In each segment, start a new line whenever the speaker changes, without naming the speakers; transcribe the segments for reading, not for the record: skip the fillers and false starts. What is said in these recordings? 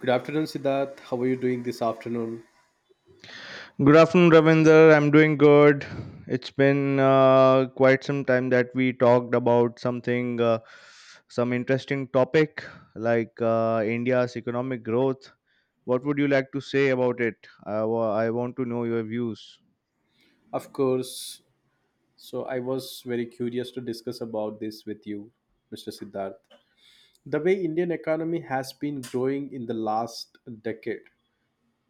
Good afternoon, Siddharth. How are you doing this afternoon?
Good afternoon, Ravinder. I'm doing good. It's been quite some time that we talked about something, some interesting topic like India's economic growth. What would you like to say about it? I want to know your views.
Of course. So, I was very curious to discuss about this with you, Mr. Siddharth. The way Indian economy has been growing in the last decade,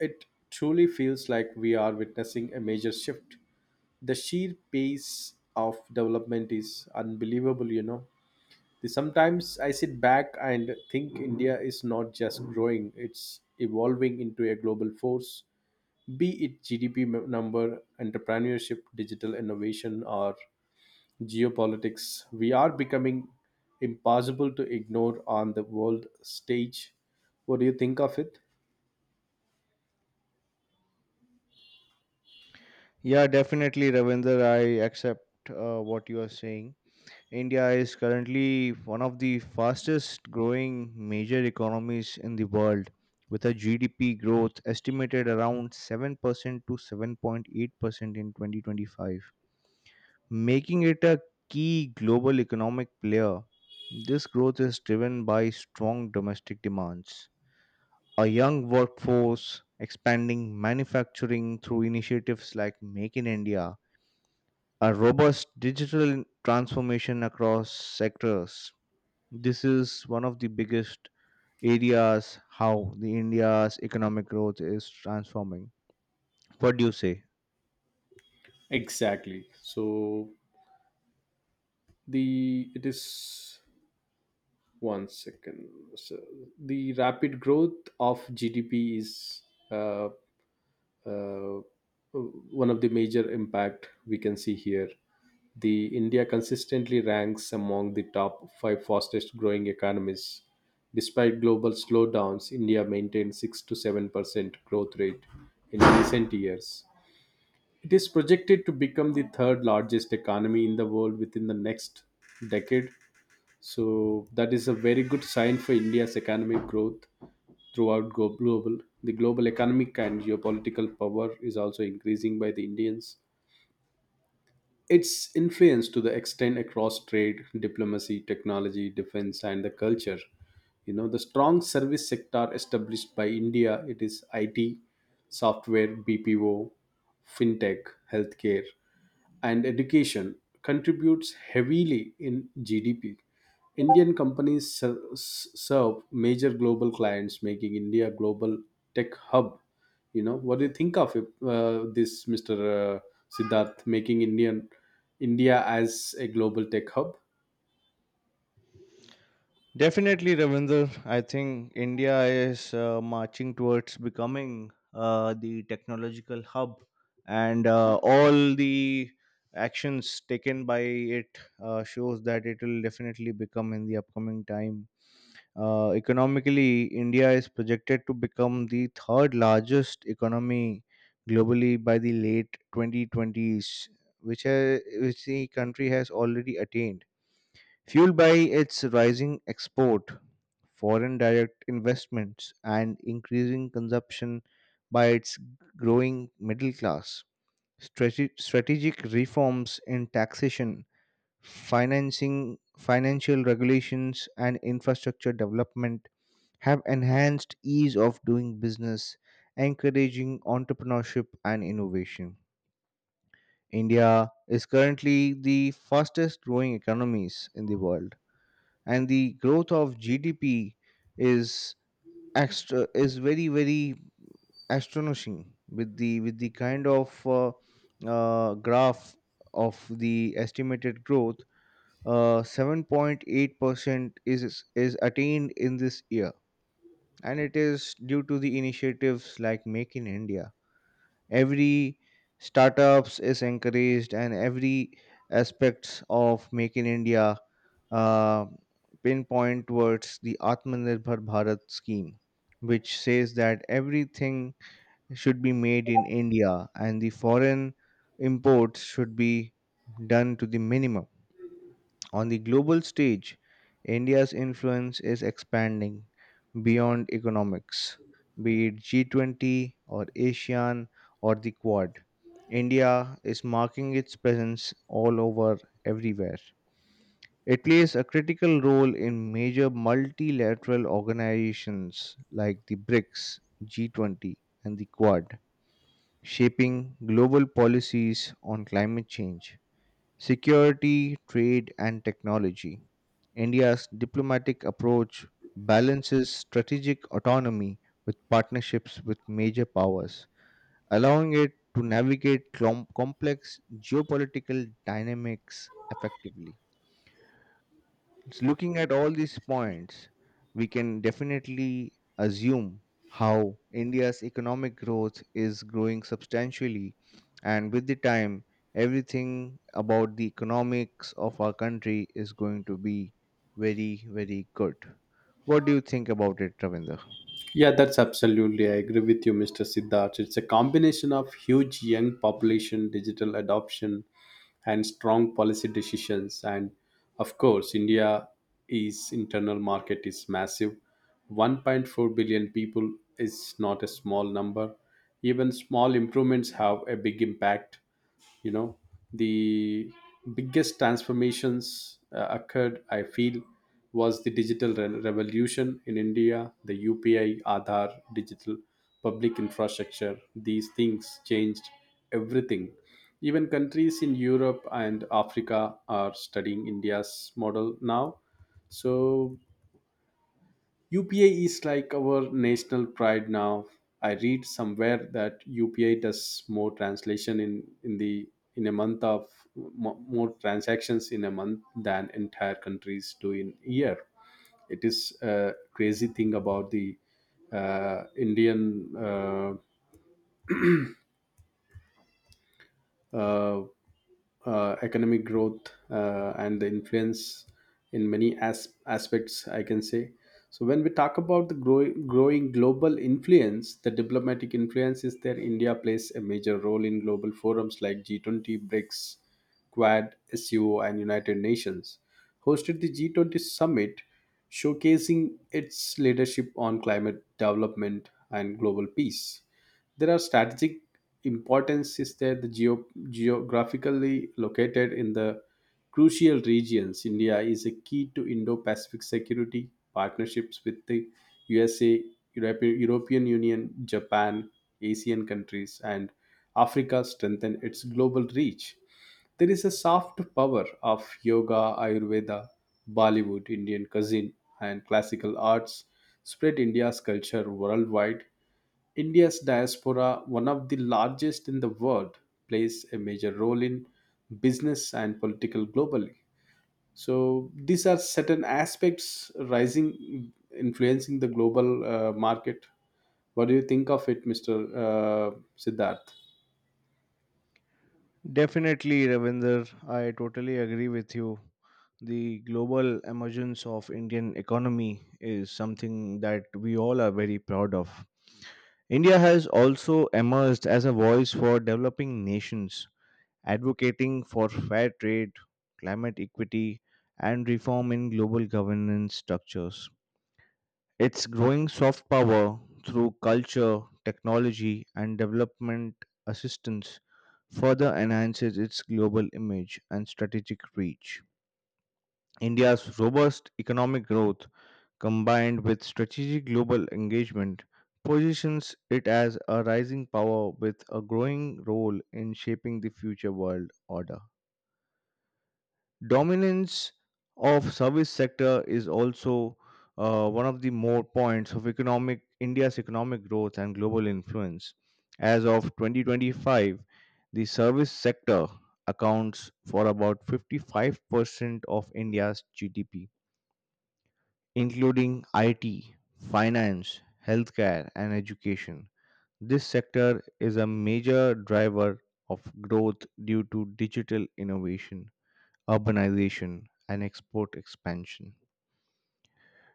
it truly feels like we are witnessing a major shift. The sheer pace of development is unbelievable, you know. Sometimes I sit back and think India is not just growing, it's evolving into a global force, be it GDP number, entrepreneurship, digital innovation, or geopolitics, we are becoming impossible to ignore on the world stage. What do you think of it?
Yeah, definitely, Ravinder. I accept what you are saying. India is currently one of the fastest growing major economies in the world, with a GDP growth estimated around 7% to 7.8% in 2025, making it a key global economic player. This growth is driven by strong domestic demands, a young workforce, expanding manufacturing through initiatives like Make in India, a robust digital transformation across sectors. This is one of the biggest areas how the India's economic growth is transforming. What do you say?
Exactly. So the it is one second. So the rapid growth of GDP is uh, uh, uh, one of the major impact we can see here. The india consistently ranks among the top 5 fastest growing economies. Despite global slowdowns, india maintained 6 to 7% growth rate in recent years. It is projected to become the third largest economy in the world within the next decade. So that is a very good sign for india's economic growth throughout global. The global economic and geopolitical power is also increasing by the indians, its influence to the extent across trade, diplomacy, technology, defense and the culture. You know, the strong service sector established by india, it is it software, bpo, fintech, healthcare and education contributes heavily in GDP. Indian companies serve major global clients, making India a global tech hub. You know, what do you think of this, Mr. Siddharth, making India as a global tech hub?
Definitely, Ravinder. I think India is marching towards becoming the technological hub, and all the actions taken by it shows that it will definitely become in the upcoming time. Economically, India is projected to become the third largest economy globally by the late 2020s, which the country has already attained, fueled by its rising export, foreign direct investments, and increasing consumption by its growing middle class. Strategic reforms in taxation, financing, financial regulations, and infrastructure development have enhanced ease of doing business, encouraging entrepreneurship and innovation. India is currently the fastest growing economies in the world, and the growth of GDP is extra is very very astonishing with the kind of graph of the estimated growth. 7.8% is attained in this year, and it is due to the initiatives like Make in India. Every startups is encouraged, and every aspects of Make in India uh, pinpoint towards the Atmanirbhar Bharat scheme, which says that everything should be made in India, and the foreign imports should be done to the minimum. On the global stage, India's influence is expanding beyond economics, be it G20 or ASEAN or the Quad. India is marking its presence all over everywhere. It plays a critical role in major multilateral organizations like the BRICS, G20, and the Quad, shaping global policies on climate change, security, trade, and technology. India's diplomatic approach balances strategic autonomy with partnerships with major powers, allowing it to navigate complex geopolitical dynamics effectively. Looking at all these points, we can definitely assume how India's economic growth is growing substantially, and with the time, everything about the economics of our country is going to be very, very good. What do you think about it, Ravinder?
Yeah, that's absolutely. I agree with you, Mr. Siddharth. It's a combination of huge young population, digital adoption, and strong policy decisions. And of course, India's internal market is massive. 1.4 billion people is not a small number. Even small improvements have a big impact, you know. The biggest transformations occurred, I feel, was the digital revolution in india. The upi, aadhaar, digital public infrastructure, these things changed everything. Even countries in europe and africa are studying india's model now. So UPI is like our national pride now. I read somewhere that UPI does more translation in the in a month of mo- more transactions in a month than entire countries do in year. It is a crazy thing about the Indian uh, economic growth and the influence in many aspects, I can say. So when we talk about the growing global influence, the diplomatic influence is there. India plays a major role in global forums like G20, brics, quad, suo and united nations. Hosted the G20 summit, showcasing its leadership on climate, development and global peace. There are strategic importance is there. The geographically located in the crucial regions, India is a key to Indo-Pacific security. Partnerships with the USA, Europe, European Union, Japan, Asian countries, and Africa strengthen its global reach. There is a soft power of yoga, Ayurveda, Bollywood, Indian cuisine, and classical arts spread India's culture worldwide. India's diaspora, one of the largest in the world, plays a major role in business and political globally. So these are certain aspects rising, influencing the global market. What do you think of it, Mr. Siddharth?
Definitely, Ravinder, I totally agree with you. The global emergence of Indian economy is something that we all are very proud of. India has also emerged as a voice for developing nations, advocating for fair trade, climate equity, and reform in global governance structures. Its growing soft power through culture, technology, and development assistance further enhances its global image and strategic reach. India's robust economic growth, combined with strategic global engagement, positions it as a rising power with a growing role in shaping the future world order. Dominance of service sector is also one of the more points of economic India's economic growth and global influence. As of 2025, the service sector accounts for about 55% of India's GDP, including IT, finance, healthcare, and education. This sector is a major driver of growth due to digital innovation, urbanization, and export expansion.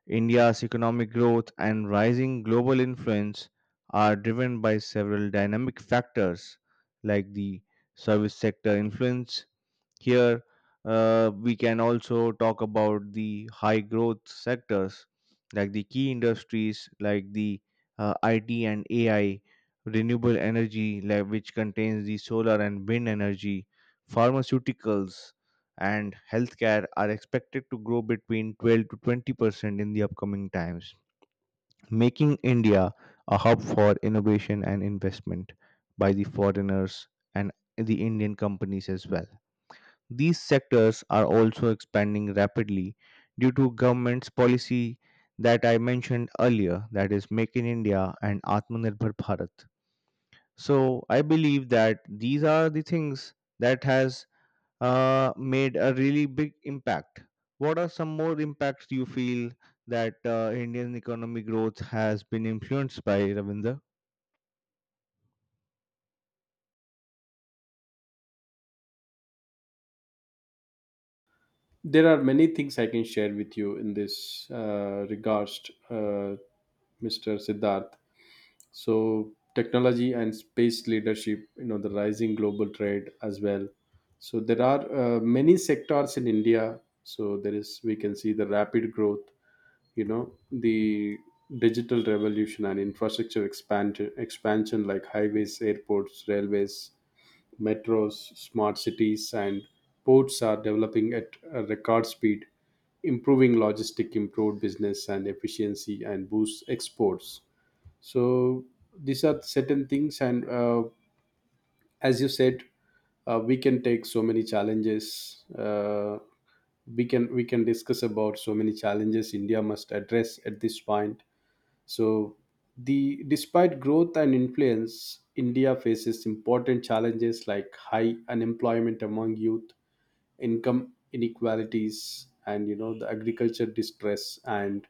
India's economic growth and rising global influence are driven by several dynamic factors like the service sector influence. Here, we can also talk about the high growth sectors like the key industries like the IT and AI, renewable energy, like, which contains the solar and wind energy, pharmaceuticals, and healthcare, are expected to grow between 12 to 20% in the upcoming times, making India a hub for innovation and investment by the foreigners and the Indian companies as well. These sectors are also expanding rapidly due to government's policy that I mentioned earlier, that is Make in India and Atmanirbhar Bharat. So I believe that these are the things that has made a really big impact. What are some more impacts you feel that Indian economic growth has been influenced by, Ravinder?
There are many things I can share with you in this regards, Mr. Siddharth. So technology and space leadership, you know, the rising global trade as well. So there are many sectors in india. So there is, we can see the rapid growth. You know, the digital revolution and infrastructure expansion like highways, airports, railways, metros, smart cities and ports are developing at a record speed, improving logistic, improved business and efficiency and boost exports. So these are certain things, and as you said, we can take so many challenges. Uh, we can discuss about so many challenges india must address at this point. So the despite growth and influence, india faces important challenges like high unemployment among youth, income inequalities and, you know, the agriculture distress and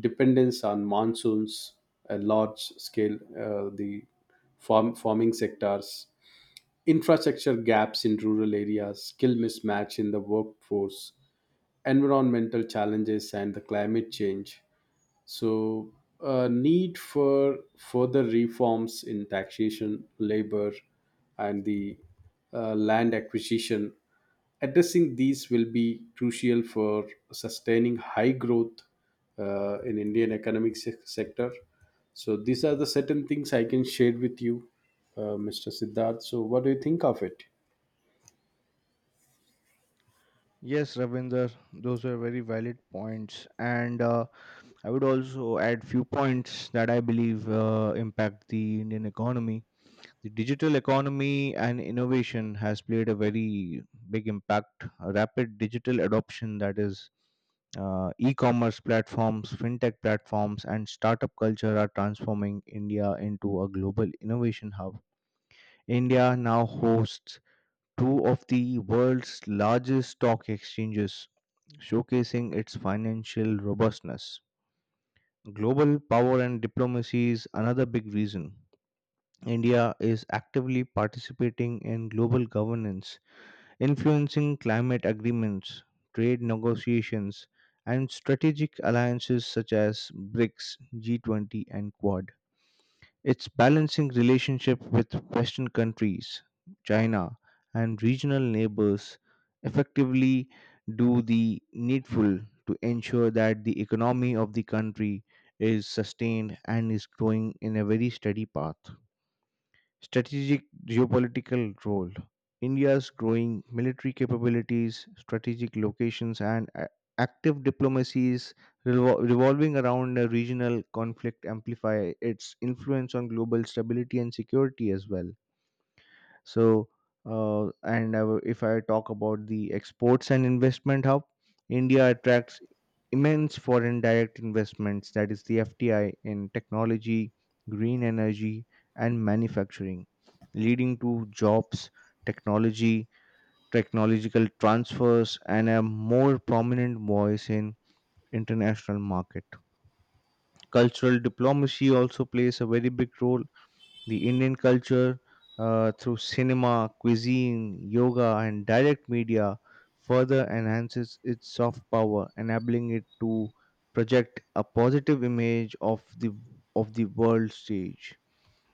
dependence on monsoons, a large scale the farming sectors, infrastructure gaps in rural areas, skill mismatch in the workforce, environmental challenges and the climate change. So, a need for further reforms in taxation, labor, and the land acquisition. Addressing these will be crucial for sustaining high growth in Indian economic sector. So, these are the certain things I can share with you, Mr. Siddharth. So, what do you think of it?
Yes, Ravinder, those are very valid points, and I would also add few points that I believe impact the Indian economy. The digital economy and innovation has played a very big impact. A rapid digital adoption, that is, e-commerce platforms, fintech platforms, and startup culture are transforming India into a global innovation hub. India now hosts two of the world's largest stock exchanges, showcasing its financial robustness. Global power and diplomacy is another big reason. India is actively participating in global governance, influencing climate agreements, trade negotiations, and strategic alliances such as BRICS, G20, and Quad. It's balancing relationship with Western countries, China, and regional neighbors effectively, do the needful to ensure that the economy of the country is sustained and is growing in a very steady path. Strategic geopolitical role. India's growing military capabilities, strategic locations, and active diplomacies revolving around a regional conflict amplify its influence on global stability and security as well. So, and I, if I talk about the exports and investment hub, India attracts immense foreign direct investments, that is the FDI, in technology, green energy, and manufacturing, leading to jobs, technology, technological transfers, and a more prominent voice in international market. Cultural diplomacy also plays a very big role. The Indian culture through cinema, cuisine, yoga, and direct media further enhances its soft power, enabling it to project a positive image of the world stage.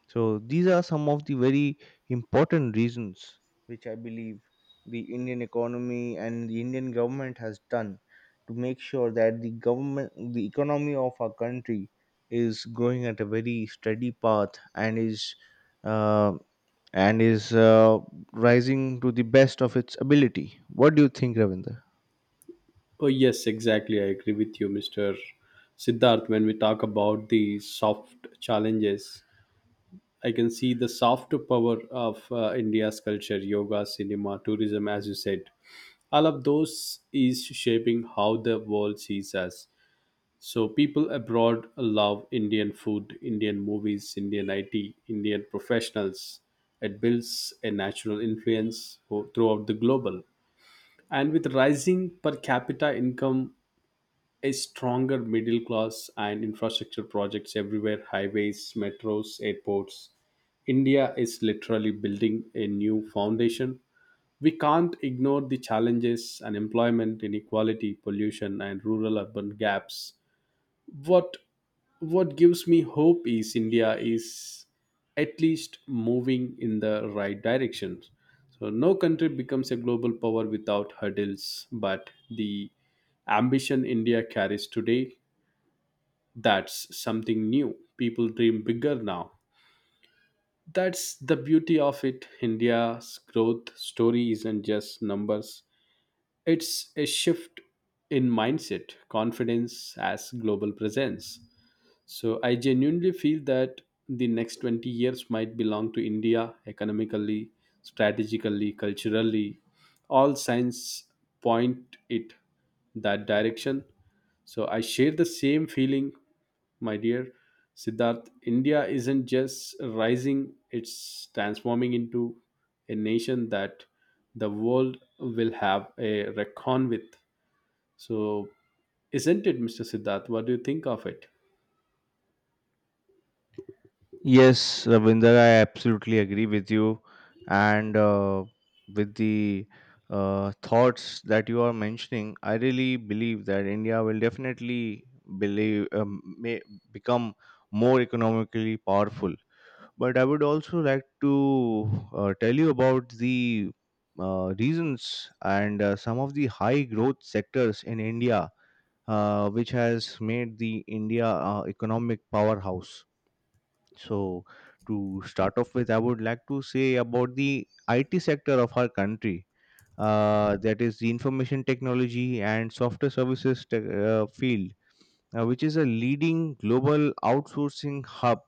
So these are some of the very important reasons which I believe the Indian economy and the Indian government has done to make sure that the government the economy of our country is going at a very steady path and is uh, and is uh, rising to the best of its ability. What do you think, Ravinder?
Oh, yes, exactly. I agree with you, Mr. Siddharth, when we talk about the soft challenges. I can see the soft power of India's culture, yoga, cinema, tourism, as you said. All of those is shaping how the world sees us. So people abroad love Indian food, Indian movies, Indian IT, Indian professionals. It builds a natural influence throughout the global. And with rising per capita income, a stronger middle class and infrastructure projects everywhere, highways, metros, airports. India is literally building a new foundation. We can't ignore the challenges: unemployment, inequality, pollution, and rural urban gaps. What what gives me hope is india is at least moving in the right direction. So no country becomes a global power without hurdles, but the ambition india carries today, that's something new. People dream bigger now, that's the beauty of it. India's growth story isn't just numbers, it's a shift in mindset, confidence as global presence. So I genuinely feel that the next 20 years might belong to India economically, strategically, culturally. All signs point it that direction. So I share the same feeling, my dear Siddharth. India isn't just rising, it's transforming into a nation that the world will have a recon with. So isn't it, Mr. Siddharth? What do you think of it?
Yes, Ravinder, I absolutely agree with you, and with the thoughts that you are mentioning, I really believe that India will definitely believe may become more economically powerful. But I would also like to tell you about the reasons and some of the high growth sectors in India, which has made the India economic powerhouse. So, to start off with, I would like to say about the IT sector of our country, that is the information technology and software services field, which is a leading global outsourcing hub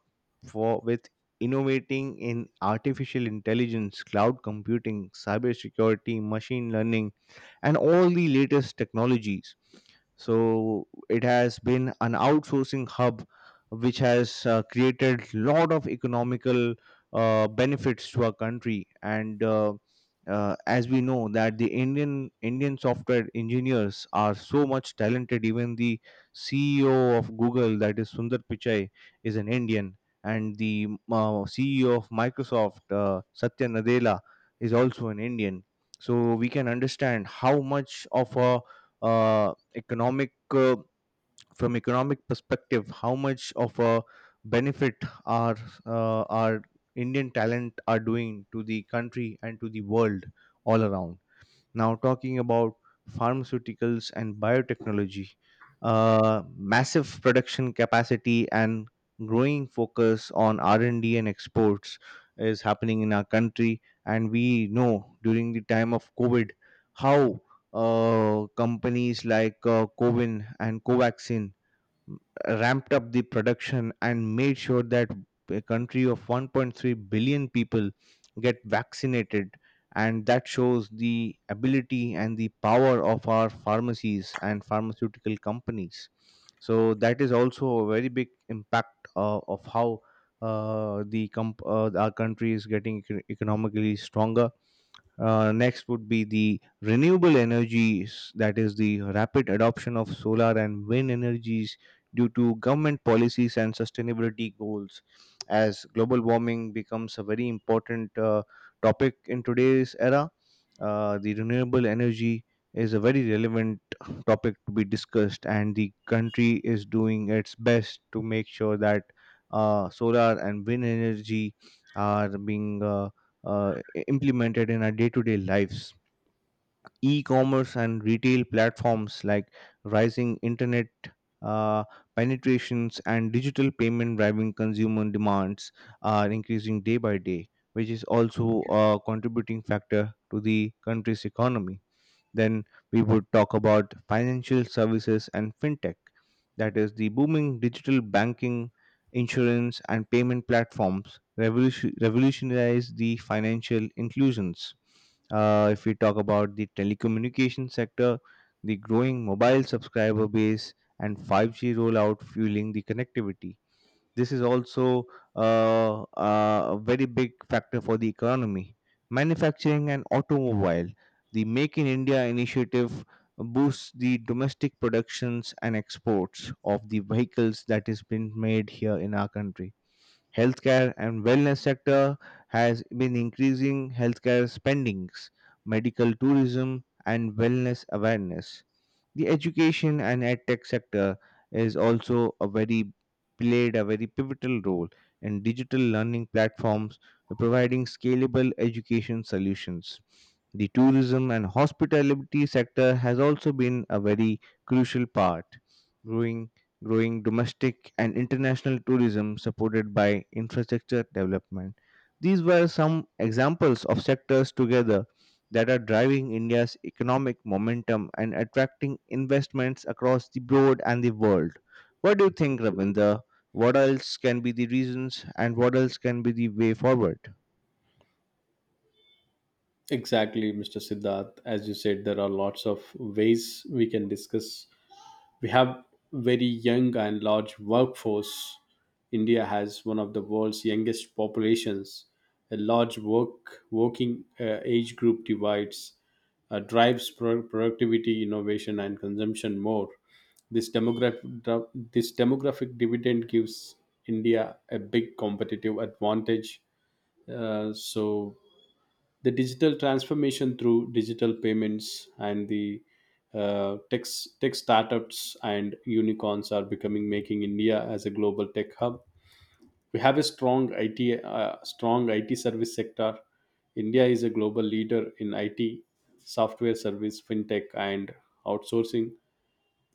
for with innovating in artificial intelligence, cloud computing, cybersecurity, machine learning, and all the latest technologies. So it has been an outsourcing hub which has created lot of economical benefits to our country, and as we know that the Indian Indian software engineers are so much talented. Even the CEO of Google, that is Sundar Pichai, is an Indian, and the CEO of Microsoft, Satya Nadella, is also an Indian. So we can understand how much of a economic from economic perspective, how much of a benefit our our Indian talent are doing to the country and to the world all around. Now, talking about pharmaceuticals and biotechnology, massive production capacity and growing focus on R&D and D and exports is happening in our country. And we know during the time of COVID how companies like Covin and Covaxin ramped up the production and made sure that a country of 1.3 billion people get vaccinated, and that shows the ability and the power of our pharmacies and pharmaceutical companies. So that is also a very big impact of how our country is getting economically stronger. Next would be the renewable energies, that is the rapid adoption of solar and wind energies due to government policies and sustainability goals. As global warming becomes a very important topic in today's era, the renewable energy is a very relevant topic to be discussed, and the country is doing its best to make sure that solar and wind energy are being uh, implemented in our day-to-day lives. E-commerce and retail platforms like rising internet uh, penetrations and digital payment driving consumer demands are increasing day by day, which is also a contributing factor to the country's economy. Then we would talk about financial services and fintech, that is, the booming digital banking, insurance, and payment platforms revolutionize the financial inclusions. If we talk about the telecommunication sector, the growing mobile subscriber base and 5G rollout fueling the connectivity. This is also a very big factor for the economy. Manufacturing and automobile. The Make in India initiative boosts the domestic productions and exports of the vehicles that is being made here in our country. Healthcare and wellness sector has been increasing healthcare spendings, medical tourism, and wellness awareness. The education and edtech sector is also a very played a very pivotal role in digital learning platforms providing scalable education solutions. The tourism and hospitality sector has also been a very crucial part, growing growing domestic and international tourism supported by infrastructure development. These were some examples of sectors together that are driving India's economic momentum and attracting investments across the broad and the world. What do you think, Ravinder? What else can be the reasons and what else can be the way forward?
Exactly, Mr. Siddharth. As you said, there are lots of ways we can discuss. We have very young and large workforce. India has one of the world's youngest populations. A large working age group divides drives productivity, innovation, and consumption more. This demographic dividend gives India a big competitive advantage. So the digital transformation through digital payments and the uh, tech, tech startups and unicorns are becoming making India as a global tech hub. We have a strong IT service sector. India is a global leader in IT, software service, fintech, and outsourcing.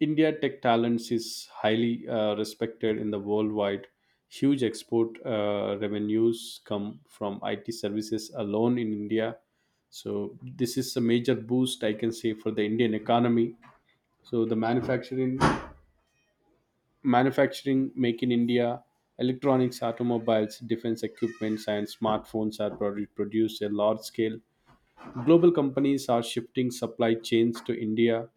India Tech Talents is highly respected in the worldwide. Huge export revenues come from IT services alone in India. So this is a major boost, I can say, for the Indian economy. So the manufacturing make in India, electronics, automobiles, defense equipments, and smartphones are produced at large scale. Global companies are shifting supply chains to India.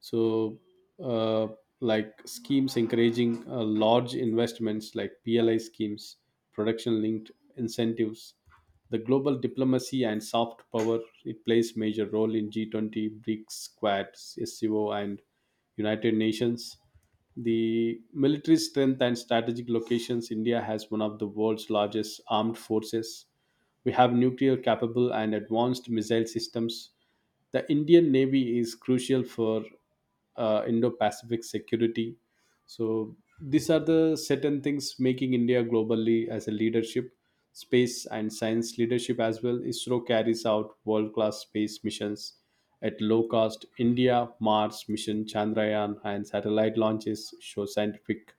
So uh, like schemes encouraging large investments like pli schemes, production linked incentives, the global diplomacy and soft power, it plays major role in G20, brics, quad, sco and united nations. The military strength and strategic locations, india has one of the world's largest armed forces. We have nuclear capable and advanced missile systems. The Indian Navy is crucial for Indo Pacific security. So, these are the certain things making India globally as a leadership, space and science leadership as well. ISRO carries out world class space missions at low cost. India, Mars mission, Chandrayaan, and satellite launches show scientific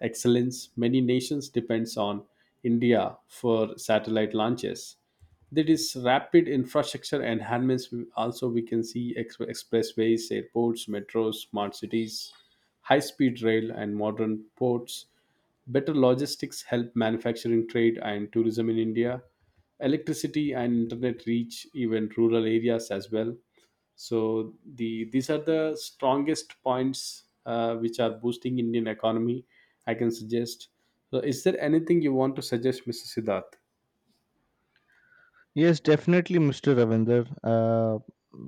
excellence. Many nations depends on India for satellite launches. There is rapid infrastructure enhancements. Also, we can see expressways, airports, metros, smart cities, high-speed rail, and modern ports. Better logistics help manufacturing, trade, and tourism in India. Electricity and internet reach even rural areas as well. So the these are the strongest points which are boosting indian economy, I can suggest. So is there anything you want to suggest, Mr. Siddharth?
Yes, definitely, Mr. Ravinder.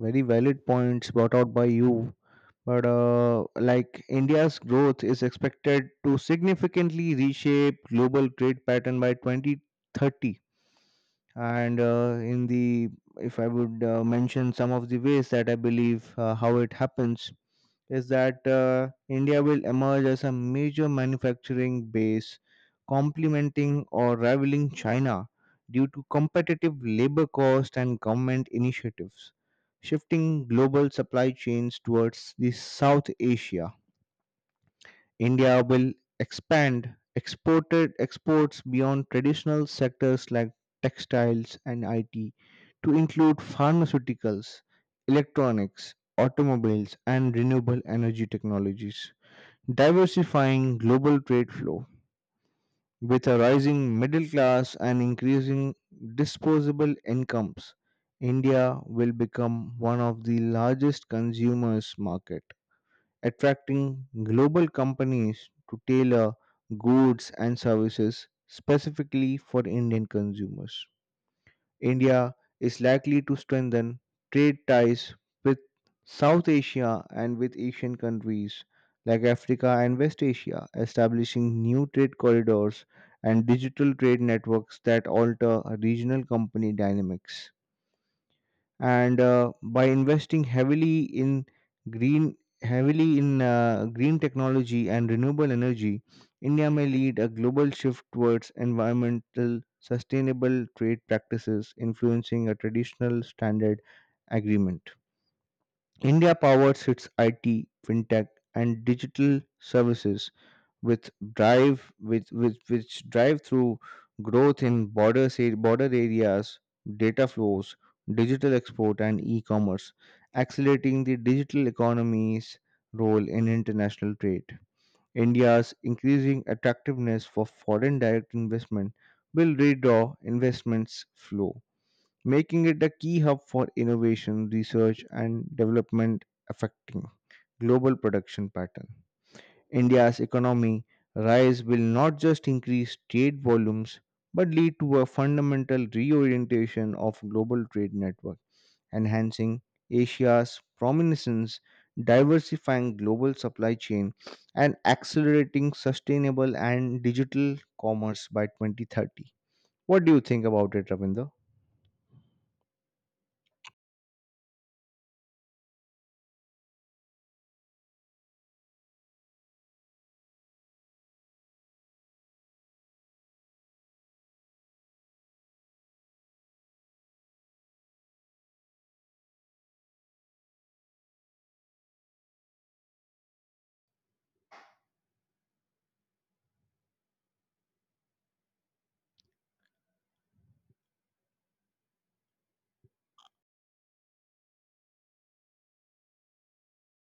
Very valid points brought out by you. But like India's growth is expected to significantly reshape global trade pattern by 2030. And in the if I would mention some of the ways that I believe how it happens, is that India will emerge as a major manufacturing base, complementing or rivaling China due to competitive labor cost and government initiatives, shifting global supply chains towards the South Asia. India will expand exported exports beyond traditional sectors like textiles and IT to include pharmaceuticals, electronics, automobiles, and renewable energy technologies, diversifying global trade flow. With a rising middle class and increasing disposable incomes, India will become one of the largest consumers market, attracting global companies to tailor goods and services specifically for Indian consumers. India is likely to strengthen trade ties with South Asia and with Asian countries like Africa and West Asia, establishing new trade corridors and digital trade networks that alter regional company dynamics. And by investing green heavily in green technology and renewable energy, India may lead a global shift towards environmental sustainable trade practices, influencing a traditional standard agreement. India powers its IT, fintech, and digital services with drive with which drive through growth in border areas, data flows, digital export, and e-commerce, accelerating the digital economy's role in international trade. India's increasing attractiveness for foreign direct investment will redraw investments flow, making it a key hub for innovation, research, and development, affecting global production pattern. India's economy rise will not just increase trade volumes but lead to a fundamental reorientation of global trade network, enhancing Asia's prominence, diversifying global supply chain, and accelerating sustainable and digital commerce by 2030. What do you think about it, Ravinder?